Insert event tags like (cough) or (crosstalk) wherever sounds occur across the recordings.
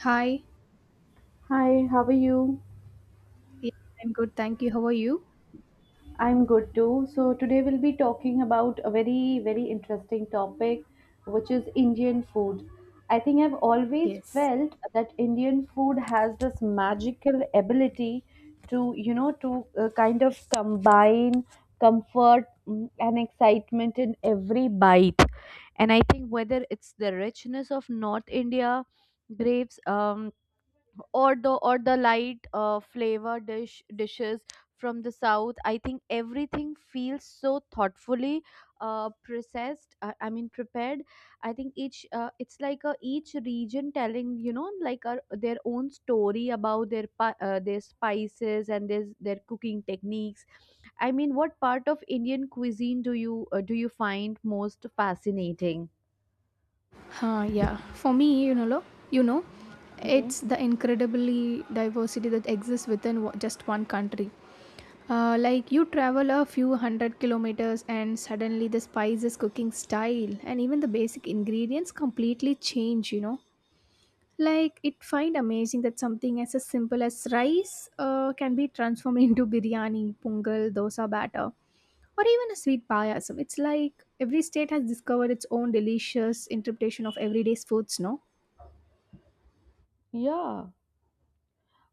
Hi. Hi, how are you? Yeah, I'm good. Thank you. How are you? I'm good too. So, today we'll be talking about a very, very interesting topic, which is Indian food. I think I've always Yes. felt that Indian food has this magical ability to kind of combine comfort and excitement in every bite. And I think whether it's the richness of North India, graves, or the light flavor dishes from the south. I think everything feels so thoughtfully processed, I mean, prepared. I think each it's like each region telling, like, their own story about their spices and their cooking techniques. I mean, what part of Indian cuisine do you find most fascinating? Yeah. For me, you know, Hmm. it's the incredibly diversity that exists within just one country. Like you travel a few hundred kilometers and suddenly the spices, cooking style, and even the basic ingredients completely change, you know. Like it find amazing that something as simple as rice can be transformed (laughs) into biryani, pungal, dosa batter or even a sweet payasam. It's like every state has discovered its own delicious interpretation of everyday foods, no? Yeah,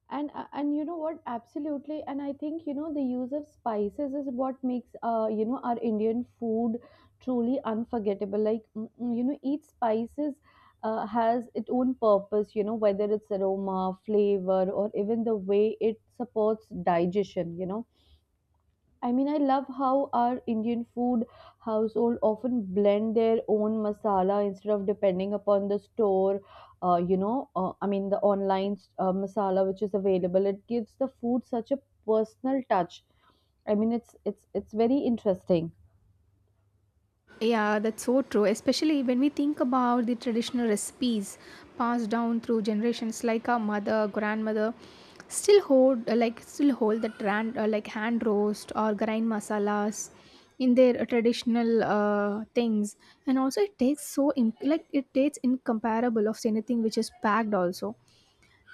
and you know what, absolutely. And I think, the use of spices is what makes our Indian food truly unforgettable. Like, each spices has its own purpose, you know, whether it's aroma, flavor, or even the way it supports digestion. I mean, I love how our Indian food household often blend their own masala instead of depending upon the store, I mean, the online masala which is available. It gives the food such a personal touch. I mean, it's very interesting. Yeah, that's so true. Especially when we think about the traditional recipes passed down through generations, like our mother, grandmother, still hold still hold that like hand roast or grind masalas in their traditional things, and also it tastes so like it tastes incomparable of anything which is packed also.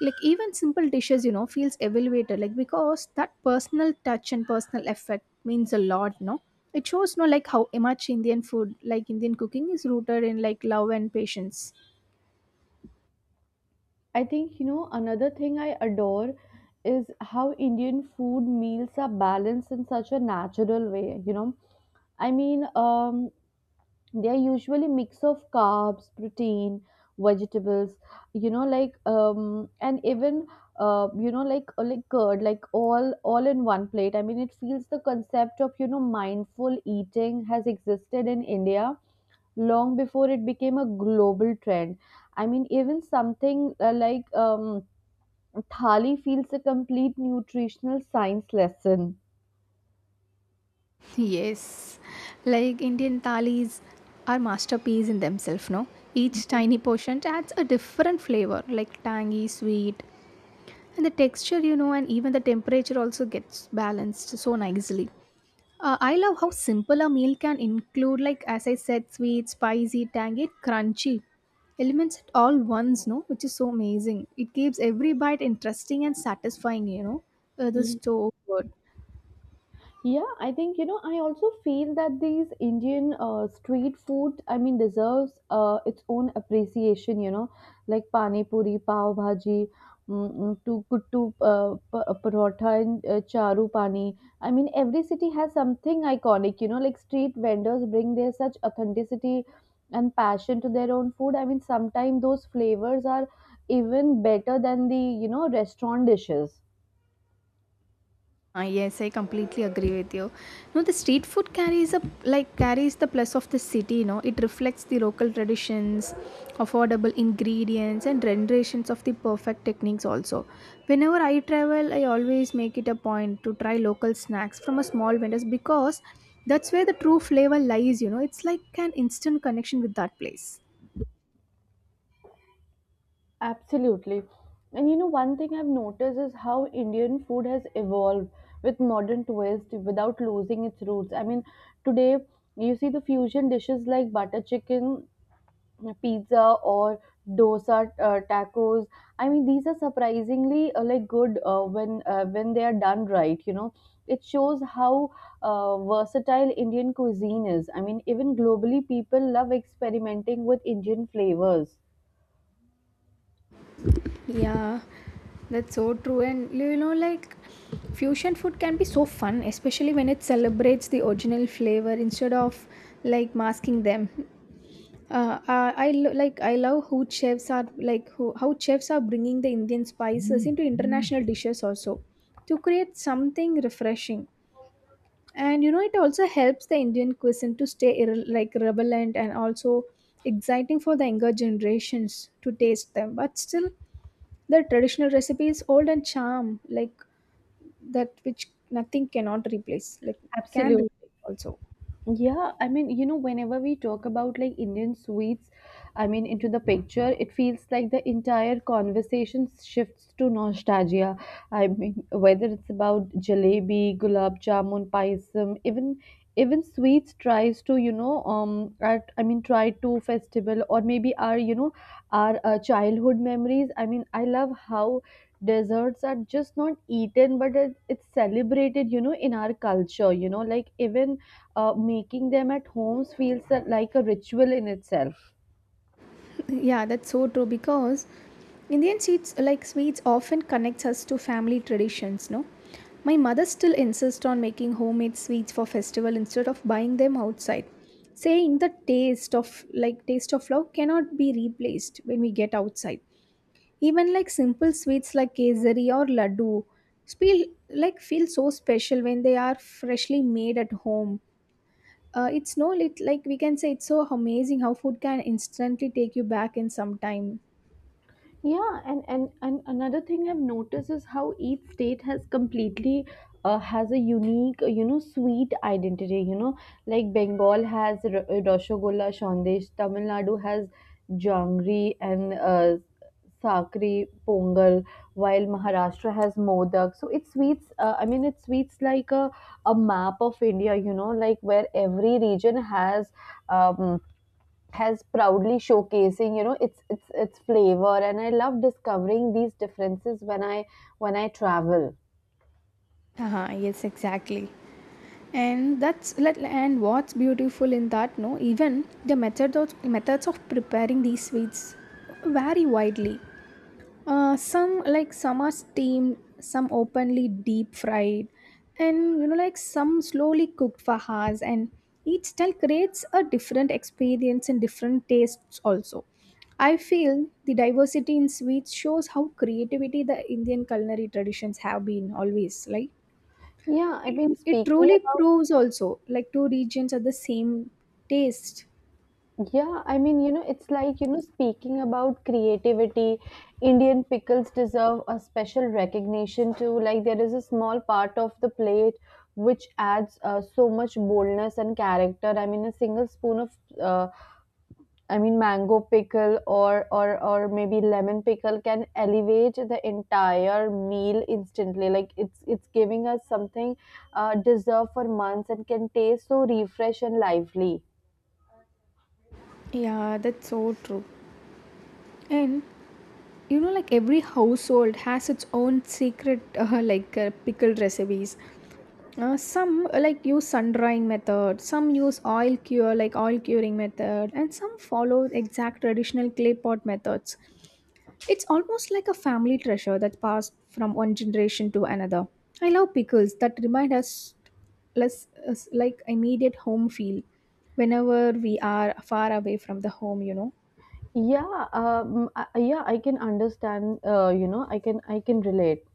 Like even simple dishes, you know, feels elevated like because that personal touch and personal effect means a lot, no? It shows, no, like how much Indian food, like Indian cooking is rooted in like love and patience. I think, another thing I adore is how Indian food meals are balanced in such a natural way. I mean, they are usually mix of carbs, protein, vegetables, like, and even, like, like curd, like all in one plate. I mean, it feels the concept of, mindful eating has existed in India long before it became a global trend. I mean, even something like, thali feels a complete nutritional science lesson. Yes, like Indian thalis are masterpiece in themselves, no? Each tiny portion adds a different flavor, like tangy, sweet, and the texture, you know, and even the temperature also gets balanced so nicely. I love how simple a meal can include, like as I said, sweet, spicy, tangy, crunchy elements at all once, no? Which is so amazing. It keeps every bite interesting and satisfying, you know? This is Mhm. so. Yeah, I think, I also feel that these Indian street food, I mean, deserves its own appreciation, like pani puri, pav bhaji, to kuttu parotha and charu pani. I mean, every city has something iconic, like street vendors bring their such authenticity and passion to their own food. I mean, sometimes those flavors are even better than the restaurant dishes. Ah, yes, I completely agree with you. No, the street food carries a like carries the plus of the city. You know, it reflects the local traditions, affordable ingredients, and renditions of the perfect techniques. Also, whenever I travel, I always make it a point to try local snacks from a small vendors because that's where the true flavor lies. You know, it's like an instant connection with that place. Absolutely. And one thing I've noticed is how Indian food has evolved with modern twist without losing its roots. I mean, today you see the fusion dishes like butter chicken, pizza, or dosa tacos. I mean, these are surprisingly, like, good, when they are done right. It shows how versatile Indian cuisine is. I mean, even globally, people love experimenting with Indian flavors. Yeah, that's so true. And you know, like fusion food can be so fun, especially when it celebrates the original flavor instead of like masking them. Like I love who chefs are like who, how chefs are bringing the Indian spices into international dishes also to create something refreshing. And you know, it also helps the Indian cuisine to stay like relevant and also exciting for the younger generations to taste them. But still the traditional recipe is old and charm like that which nothing cannot replace like can Absolutely. replace also. Yeah, I mean, whenever we talk about like Indian sweets, I mean, into the picture, it feels like the entire conversation shifts to nostalgia. I mean, whether it's about jalebi, gulab jamun, payasam, even sweets tries to, at, I mean, try to festival or maybe our you know our childhood memories. I mean, I love how desserts are just not eaten but it's celebrated, in our culture, like even, making them at homes feels like a ritual in itself. (laughs) Yeah, that's so true because Indian sweets like sweets often connects us to family traditions, no? My mother still insists on making homemade sweets for festival instead of buying them outside, saying the taste of like taste of love cannot be replaced when we get outside. Even like simple sweets like kesari or laddu feel like feel so special when they are freshly made at home. It's no lit like we can say it's so amazing how food can instantly take you back in some time. Yeah, and another thing I've noticed is how each state has completely has a unique, sweet identity. You know, like Bengal has Rasgulla, Sandesh, Tamil Nadu has Jangri and, Sakri, Pongal, while Maharashtra has Modak. So it's sweets, I mean, it's sweets like a map of India, like where every region has. Um, has proudly showcasing, its its flavor, and I love discovering these differences when I travel. Uh, yes, exactly. And and what's beautiful in that, no? Even the methods of preparing these sweets vary widely. Some like some are steamed, some openly deep fried, and you know like some slowly cooked for hours. And each style creates a different experience and different tastes also. I feel the diversity in sweets shows how creativity the Indian culinary traditions have been always like. yeah i It, mean it speaking truly about proves also like two regions are the same taste. yeah i mean it's like, speaking about creativity, Indian pickles deserve a special recognition too. Like, there is a small part of the plate which adds, so much boldness and character. I mean, a single spoon of, uh, I mean, mango pickle or maybe lemon pickle can elevate the entire meal instantly. Like, it's giving us something, deserved for months and can taste so refresh and lively. Yeah, that's so true. And you know like every household has its own secret pickled recipes, some like use sun drying method, some use oil cure like oil curing method, and some follow exact traditional clay pot methods. It's almost like a family treasure that passed from one generation to another. I love pickles that remind us like immediate home feel whenever we are far away from the home, you know. Yeah, yeah, I can understand. I can relate.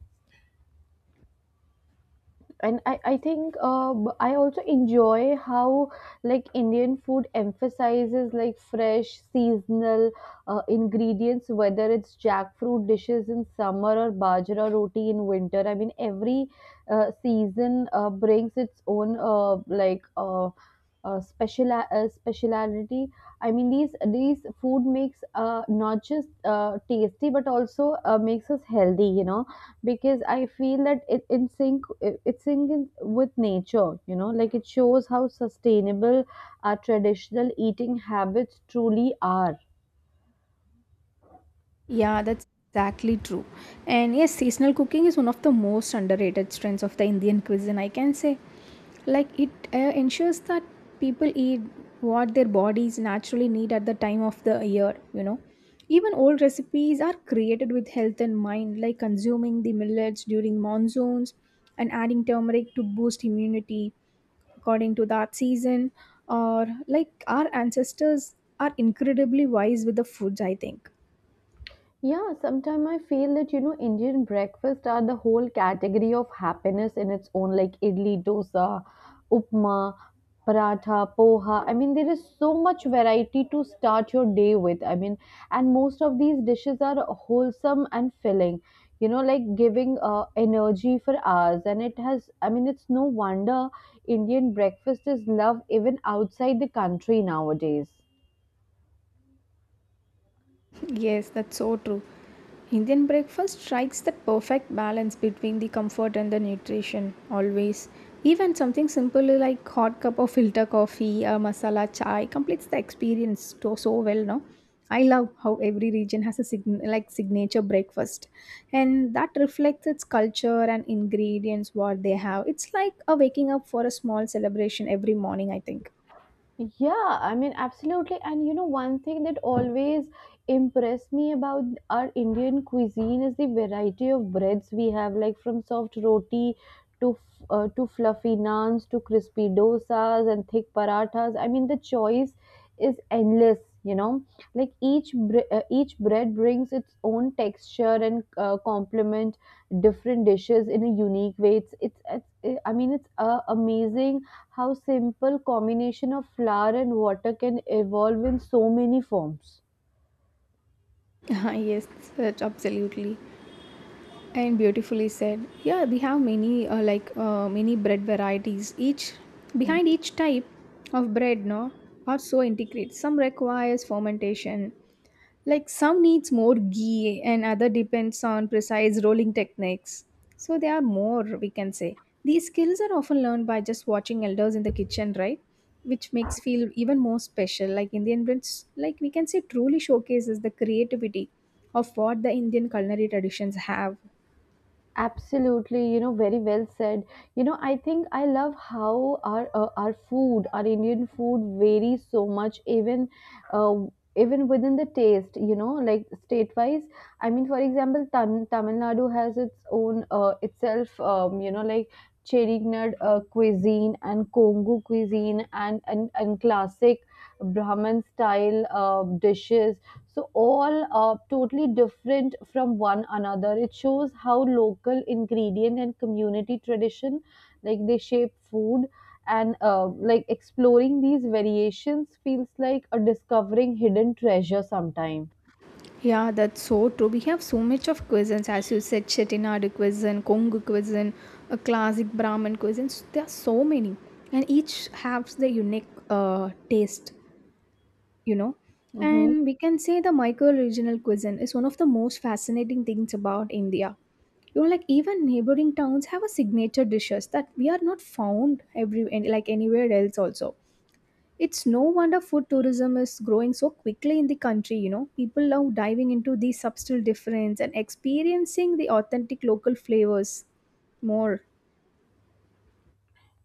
And I think I also enjoy how like Indian food emphasizes like fresh seasonal ingredients, whether it's jackfruit dishes in summer or bajra roti in winter. I mean, every season brings its own, special, speciality. I mean, these food makes, not just, tasty but also, makes us healthy. Because I feel that it in sync it, it's sync in- with nature. You know, like it shows how sustainable our traditional eating habits truly are. Yeah, that's exactly true. And yes, seasonal cooking is one of the most underrated strengths of the Indian cuisine, I can say. Like, it ensures that people eat what their bodies naturally need at the time of the year, you know. Even old recipes are created with health in mind, like consuming the millets during monsoons and adding turmeric to boost immunity according to that season. Or, like, our ancestors are incredibly wise with the foods, I think. Yeah, sometimes I feel that, Indian breakfast are the whole category of happiness in its own, like idli, dosa, upma, paratha, poha. I mean, there is so much variety to start your day with. I mean, and most of these dishes are wholesome and filling. Like giving, energy for hours, and it has. I mean, it's no wonder Indian breakfast is loved even outside the country nowadays. Yes, that's so true. Indian breakfast strikes that perfect balance between the comfort and the nutrition, always. Even something simple like hot cup of filter coffee or masala chai completes the experience so, so well, no? I love how every region has a like signature breakfast, and that reflects its culture and ingredients what they have. It's like a waking up for a small celebration every morning, I think. Yeah, I mean, absolutely. And one thing that always impressed me about our Indian cuisine is the variety of breads we have, like from soft roti to fluffy naans to crispy dosas and thick parathas. I mean, the choice is endless, like each bread brings its own texture and, complement different dishes in a unique way. It's, I mean, it's amazing how simple combination of flour and water can evolve in so many forms. (laughs) Yes, that's absolutely. And beautifully said. Yeah, we have many many bread varieties. Each behind each type of bread, no, are so integrated. Some requires fermentation, like some needs more ghee and other depends on precise rolling techniques. So they are more, we can say these skills are often learned by just watching elders in the kitchen, right? Which makes feel even more special. Like Indian breads, like we can say, truly showcases the creativity of what the Indian culinary traditions have. Absolutely, very well said. I think I love how our food, our Indian food, varies so much, uh, even within the taste. Like state wise. I mean, for example, Tamil Nadu has its own, itself. Like Cherignad cuisine and Kongu cuisine and classic Brahman style dishes. So all are totally different from one another. It shows how local ingredient and community tradition, like they shape food, and, like exploring these variations feels like a discovering hidden treasure sometime. Yeah, that's so true. We have so much of cuisines, as you said, Chettinad cuisine, Kongu cuisine, a classic Brahmin cuisine. So there are so many, and each has the unique taste, you know. Hmm. And we can say the micro-regional cuisine is one of the most fascinating things about India. You know, like even neighboring towns have a signature dishes that we are not found every like anywhere else also. It's no wonder food tourism is growing so quickly in the country, you know. People love diving into these subtle difference and experiencing the authentic local flavors more.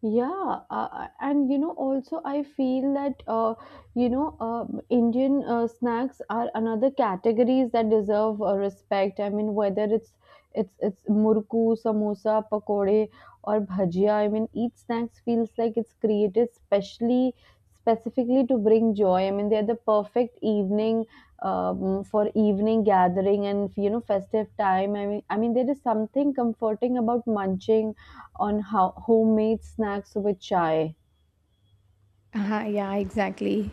Yeah, and also I feel that, you know, uh, Indian snacks are another categories that deserve, respect. I mean, whether it's murku, samosa, pakode, or bhajia. I mean, each snacks feels like it's created specially specifically to bring joy. I mean, they're the perfect evening, for evening gathering and, festive time. I mean, there is something comforting about munching on how homemade snacks with chai. Uh, yeah, exactly.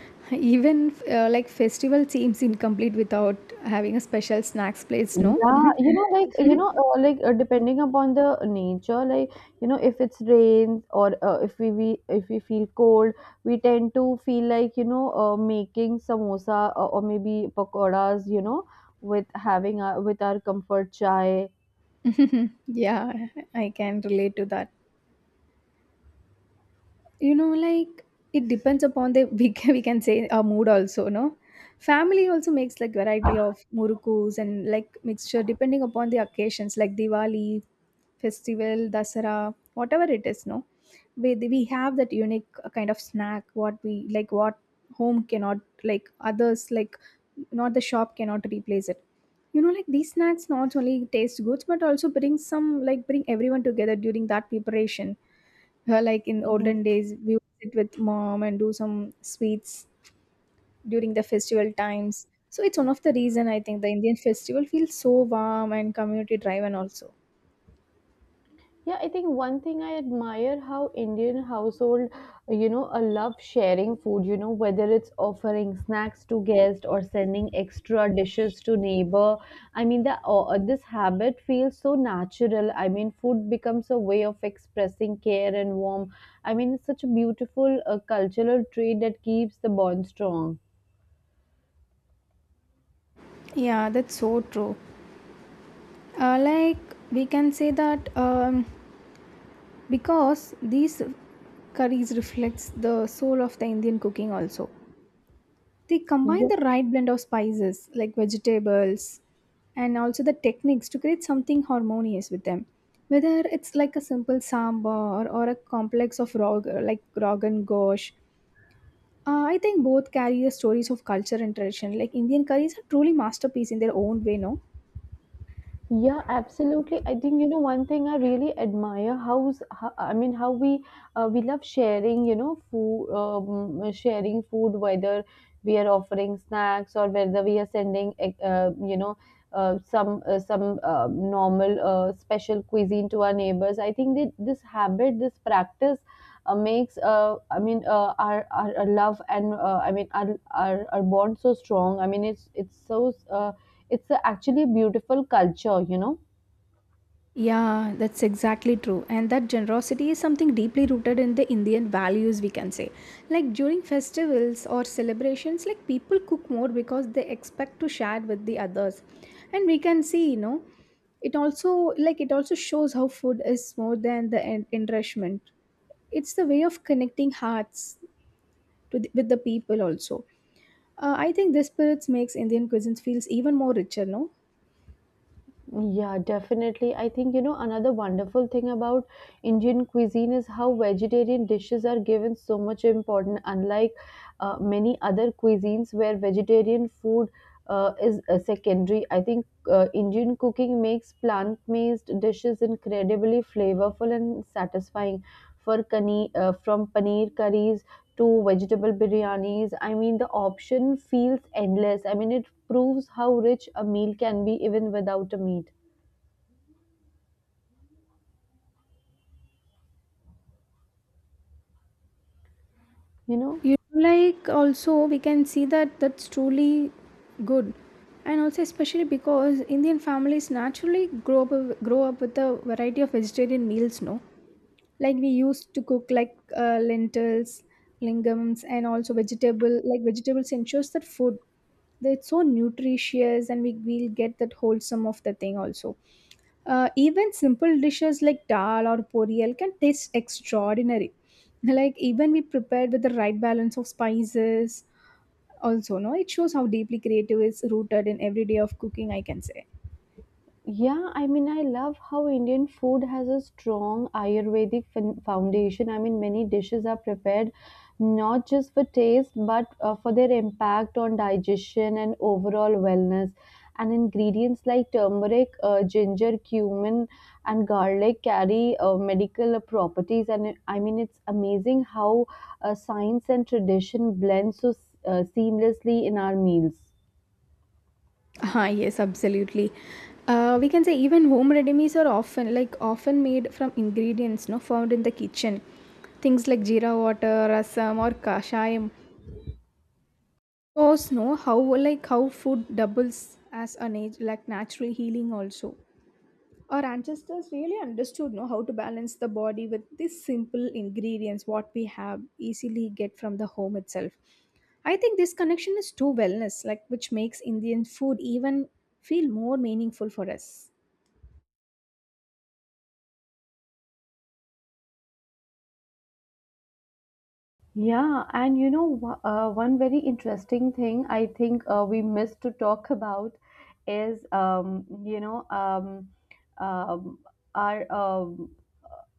(laughs) Even like festival seems incomplete without having a special snacks place, no? Yeah, like, depending upon the nature, like, if it's rain or, if we feel cold, we tend to feel like, making samosa or maybe pakoras, with having our with our comfort chai. (laughs) Yeah, I can relate to that. You know, like it depends upon the (laughs) we can say our mood also, no? Family also makes like variety of murukus and like mixture depending upon the occasions like Diwali, festival, Dasara, whatever it is, no? We have that unique kind of snack what we like, what home cannot, like others like, not the shop cannot replace it. You know, like these snacks not only taste good but also bring some like bring everyone together during that preparation. Like in Hmm. olden days, we would sit with mom and do some sweets during the festival times. So it's one of the reason I think the Indian festival feels so warm and community driven also. Yeah, I think one thing I admire how Indian household, love sharing food, whether it's offering snacks to guests or sending extra dishes to neighbor. I mean, the this habit feels so natural. I mean, food becomes a way of expressing care and warmth. I mean, it's such a beautiful, cultural trait that keeps the bond strong. Yeah, that's so true. Like we can say that because these curries reflects the soul of the Indian cooking also. They combine the right blend of spices like vegetables and also the techniques to create something harmonious with them. Whether it's like a simple sambar or a complex of rog like rogan gosh, I think both carry the stories of culture and tradition. Like Indian curries are truly masterpiece in their own way, no? Yeah, absolutely. I think, one thing I really admire how, I mean, how we love sharing, food, whether we are offering snacks or whether we are sending, some, normal, special cuisine to our neighbors. I think that this habit, this practice, makes, I mean, our love, and, I mean, our bond so strong. I mean, it's so. It's a actually beautiful culture. Yeah, that's exactly true. And that generosity is something deeply rooted in the Indian values, we can say. Like during festivals or celebrations, like people cook more because they expect to share with the others. And we can see, you know, it also shows how food is more than the enrichment. It's the way of connecting hearts to the, with the people also. I think this spirit makes Indian cuisine feels even more richer, no? Yeah, definitely. I think, another wonderful thing about Indian cuisine is how vegetarian dishes are given so much importance, unlike, many other cuisines where vegetarian food, is, secondary. I think, Indian cooking makes plant-based dishes incredibly flavorful and satisfying. From paneer curries to vegetable biryanis. I mean, the option feels endless. I mean, it proves how rich a meal can be even without a meat, you know? You know, like also we can see that that's truly good, and also especially because Indian families naturally grow up with a variety of vegetarian meals. No, like we used to cook like lentils, legumes, and also vegetable like vegetables ensures that food that it's so nutritious and we will get that wholesome of the thing also. Even simple dishes like dal or poriyal can taste extraordinary. (laughs) Like even we prepared with the right balance of spices also, no, it shows how deeply creative is rooted in every day of cooking, I can say. Yeah, I mean, I love how Indian food has a strong Ayurvedic foundation. I mean, many dishes are prepared not just for taste but, for their impact on digestion and overall wellness. And ingredients like turmeric, ginger, cumin, and garlic carry medical properties. And I mean, it's amazing how science and tradition blend so seamlessly in our meals. Ah, yes, absolutely. We can say even home ready meals are often like often made from ingredients no found in the kitchen. Things like jeera water, rasam or kashayam. Shows know how like how food doubles as a like natural healing also. Our ancestors really understood, know, how to balance the body with these simple ingredients, what we have easily get from the home itself. I think this connection is to wellness, like which makes Indian food even feel more meaningful for us. Yeah, and one very interesting thing I think we missed to talk about is, you know, um, our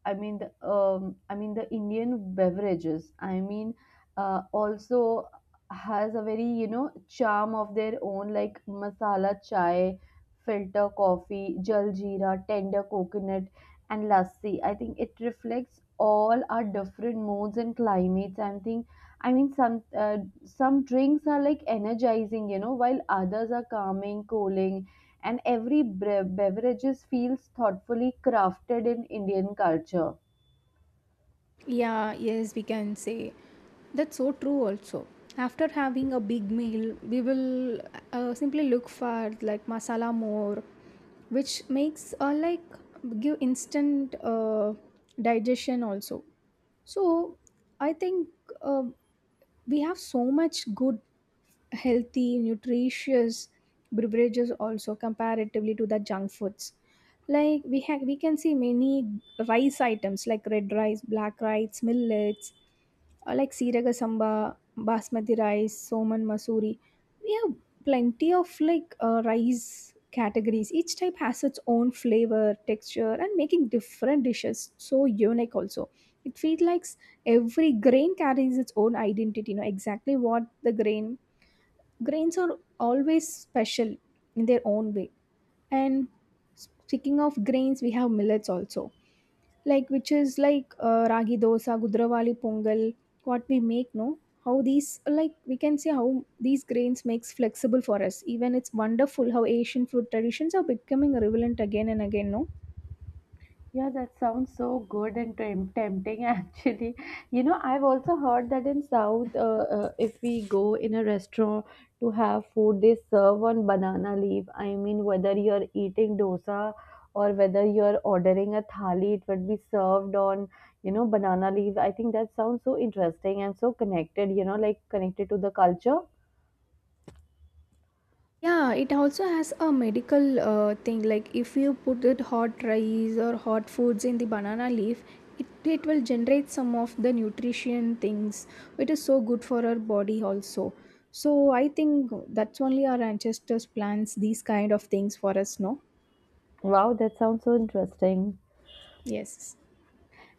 I mean the Indian beverages. I mean also has a very charm of their own like masala chai, filter coffee, jaljeera, tender coconut, and lassi. I think it reflects all our different moods and climates. I think I mean some drinks are like energizing, you know, while others are calming, cooling and every beverages feels thoughtfully crafted in Indian culture. Yeah, yes, we can say that's so true. Also, after having a big meal, we will simply look for like masala more, which makes like give instant digestion also. So I think um we have so much good, healthy, nutritious beverages also comparatively to the junk foods. Like we have, we can see many rice items like red rice, black rice, millets, like siraga samba, basmati rice, soman masuri. We have plenty of like rice categories. Each type has its own flavor, texture, and making different dishes so unique also. It feels like every grain carries its own identity, you know exactly what the grain grains are always special in their own way. And speaking of grains, we have millets also, like which is like ragi dosa gudravali pongal, what we make, no? How these, like we can see how these grains makes flexible for us. Even it's wonderful how Asian food traditions are becoming relevant again and again, no? Yeah, that sounds so good and tempting (laughs) actually. You know, I've also heard that in South, if we go in a restaurant to have food, they serve on banana leaf. I mean, whether you're eating dosa or whether you're ordering a thali, it would be served on, you know, banana leaf. I think that sounds so interesting and so connected, you know, like connected to the culture. Yeah, it also has a medical thing. Like if you put it hot rice or hot foods in the banana leaf, it will generate some of the nutrition things. It is so good for our body also. So I think that's only our ancestors plants these kind of things for us, no? Wow, that sounds so interesting. Yes.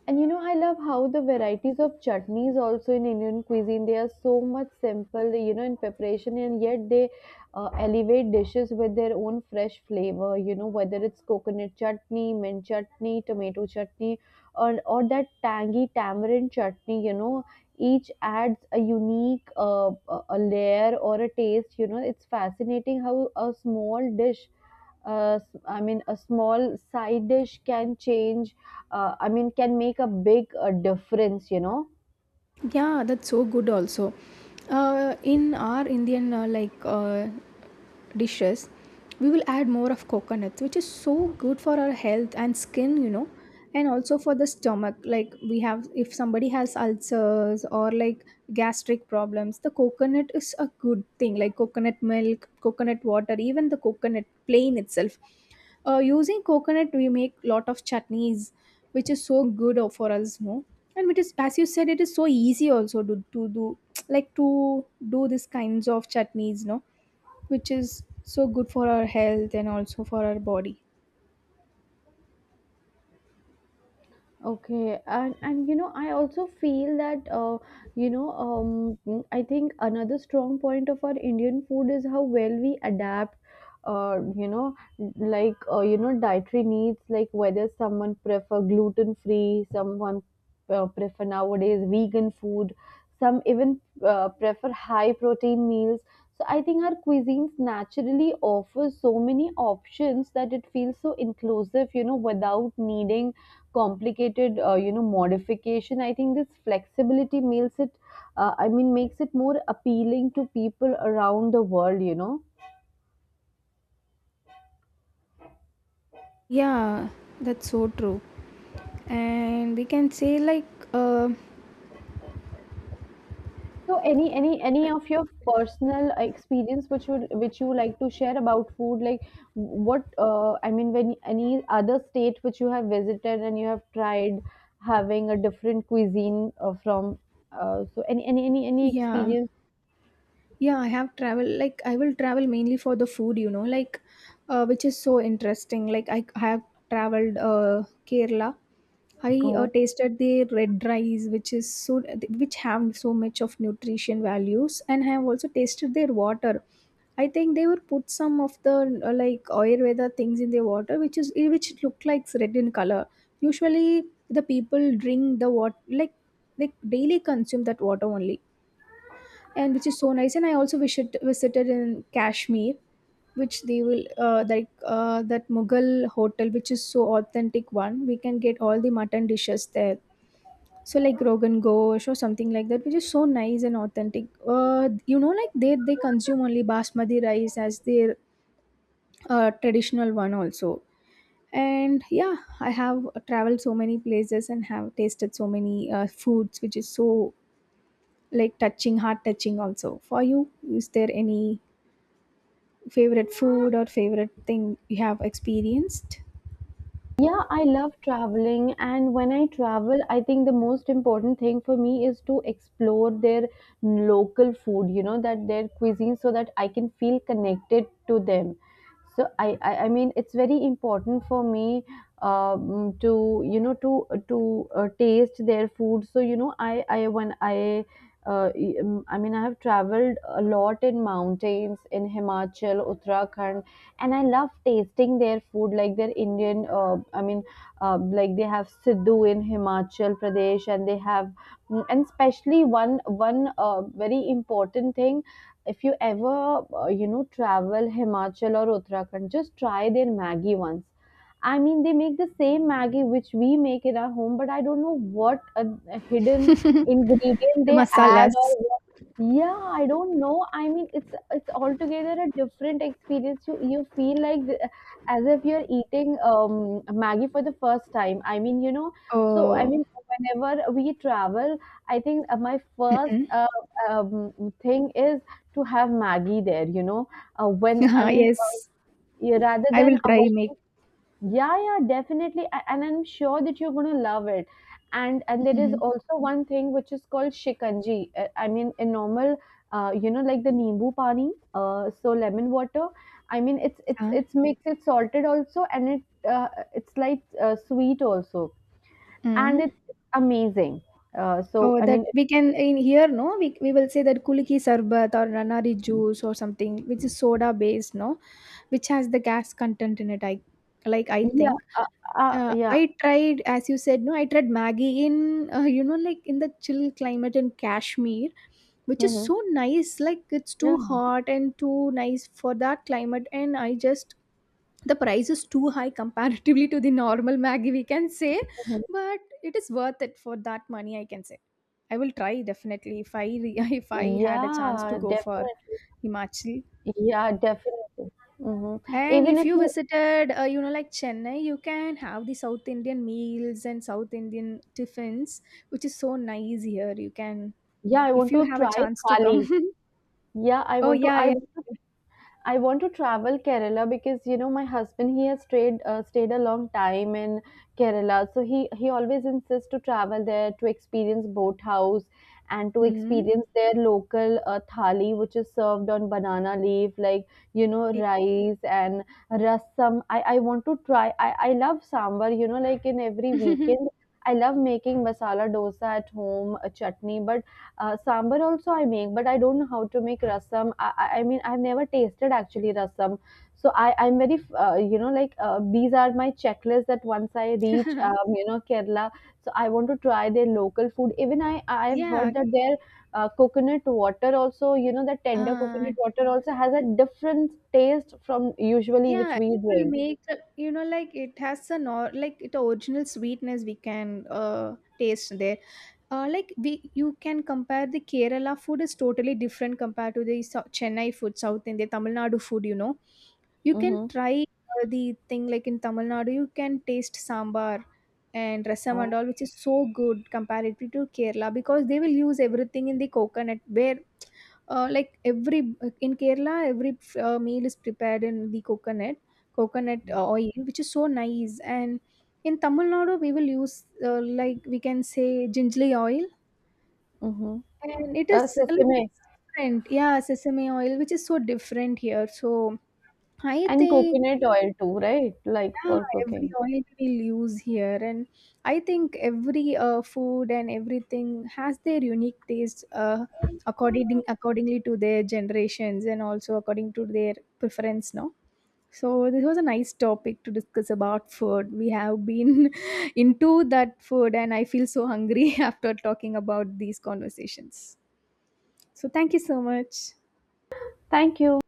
And you know, I love how the varieties of chutneys also in Indian cuisine, they are so much simple, you know, in preparation, and yet they elevate dishes with their own fresh flavor, you know, whether it's coconut chutney, mint chutney, tomato chutney, or that tangy tamarind chutney, you know, each adds a unique a layer or a taste, you know, it's fascinating how a small dish uh, I mean, a small side dish can change, I mean, can make a big difference, you know. Yeah, that's so good also. In our Indian like dishes, we will add more of coconut, which is so good for our health and skin, you know, and also for the stomach. Like we have, if somebody has ulcers or like gastric problems, the coconut is a good thing. Like coconut milk, coconut water, even the coconut plain itself, using coconut we make lot of chutneys, which is so good o- for us, no? And it is, as you said, it is so easy also to do (tsk) like to do these kinds of chutneys, no? Which is so good for our health and also for our body. Okay, and you know, I also feel that I think another strong point of our Indian food is how well we adapt. You know, like you know, dietary needs, like whether someone prefer gluten free, someone prefer nowadays vegan food, some even prefer high protein meals. So I think our cuisines naturally offer so many options that it feels so inclusive. You know, without needing complicated you know modification. I think this flexibility makes it I mean makes it more appealing to people around the world, you know? Yeah, that's so true. And we can say like, So any of your personal experience which would which you like to share about food, like what I mean when any other state which you have visited and you have tried having a different cuisine from so any yeah, experience? yeah, I have travel, like I will travel mainly for the food, you know. Like which is so interesting. Like I have traveled Kerala. I No. tasted the red rice, which is so which have so much of nutrition values, and I have also tasted their water. I think they would put some of the like Ayurveda things in their water, which is which look like red in color. Usually, the people drink the water, like they daily consume that water only, and which is so nice. And I also visited in Kashmir, which they will like that Mughal hotel, which is so authentic one. We can get all the mutton dishes there, so like Rogan Ghosh or something like that, which is so nice and authentic. You know, like they consume only basmati rice as their traditional one also. And yeah, I have traveled so many places and have tasted so many foods, which is so like touching, heart touching also. For you, is there any favorite food or favorite thing you have experienced? Yeah, I love traveling, and when I travel, I think the most important thing for me is to explore their local food, you know, that their cuisine so that I can feel connected to them. So I mean, it's very important for me to, you know, to taste their food. So you know, I when I. Uh, I mean, I have traveled a lot in mountains in Himachal, Uttarakhand, and I love tasting their food, like their Indian. Like they have Sidhu in Himachal Pradesh, and they have, and especially one very important thing. If you ever you know travel Himachal or Uttarakhand, just try their maggi once. I mean, they make the same Maggi which we make in our home, but I don't know what a hidden (laughs) ingredient The they add masalas. or yeah, I don't know. I mean, it's altogether a different experience. You feel like the, as if you're eating Maggie for the first time. I mean, you know, so I Oh, mean, whenever we travel, I think my first mm-mm. Um thing is to have Maggie there. You know, uh, when I (laughs) mean, Yes, rather I than will try make. yeah, yeah, definitely. And I'm sure that you're gonna love it. And there is Mhm. also one thing which is called shikanji. I mean, a normal, you know, like the nimbu pani, so lemon water. I mean, it's mixed, it's salted also, and it uh, it's like sweet also, and Ah. it's amazing. Uh, so Oh, I that mean, if- we can in here, no, we will say that kuliki sarbat or ranari juice or something, which is soda based, no, which has the gas content in it. I like, I yeah, think. uh, yeah. I tried, as you said, no, I tried Maggie in, you know, like in the chill climate in Kashmir, which is Hmm. so nice. Like it's too Yeah. hot and too nice for that climate, and I just the price is too high comparatively to the normal maggi, we can say. Mhm. But it is worth it for that money, I can say. I will try definitely if I (laughs) if I had a chance to Yeah, go for definitely. Himachal. Yeah, definitely. Hmm. And Even if if you you— visited you know like Chennai, you can have the South Indian meals and South Indian tiffins, which is so nice here. You can, yeah, I if want you to have a try chance to come. thali. (laughs) Yeah, Oh, yeah, I yeah. want to— I want to travel Kerala because you know my husband he has stayed a long time in Kerala, so he always insists to travel there to experience boathouse and to Mhm. experience their local thali, which is served on banana leaf, like you know rice and rasam. I want to try. I love sambar. You know, like in every weekend. (laughs) I love making masala dosa at home, a chutney, but sambar also I make, but I don't know how to make rasam. I mean, I've never tasted actually rasam. So I'm very, you know, like these are my checklists that once I reach, you know, Kerala, so I want to try their local food. Even I've Yeah. heard that their coconut water also, you know, the tender uh, coconut water also has a different taste from usually which Yeah, it we will drink. make, you know, like it has an or like it original sweetness we can taste there. Like we, you can compare the Kerala food is totally different compared to the Chennai food, South India, Tamil Nadu food. You know, you can Mm-hmm. try the thing like in Tamil Nadu, you can taste sambar and rasam and Oh. all, which is so good comparatively to Kerala, because they will use everything in the coconut where like every in Kerala, every meal is prepared in the coconut oil, which is so nice. And in Tamil Nadu, we will use like we can say gingerly oil, Mm-hmm. and it is like Sesame it's different. Yeah, sesame oil, which is so different here. So I and think, coconut oil too, right? Like yeah, for every cooking. oil we'll use here, and I think every food and everything has their unique taste, accordingly to their generations and also according to their preference. No, so this was a nice topic to discuss about food. We have been (laughs) into that food, and I feel so hungry (laughs) after talking about these conversations. So thank you so much. Thank you.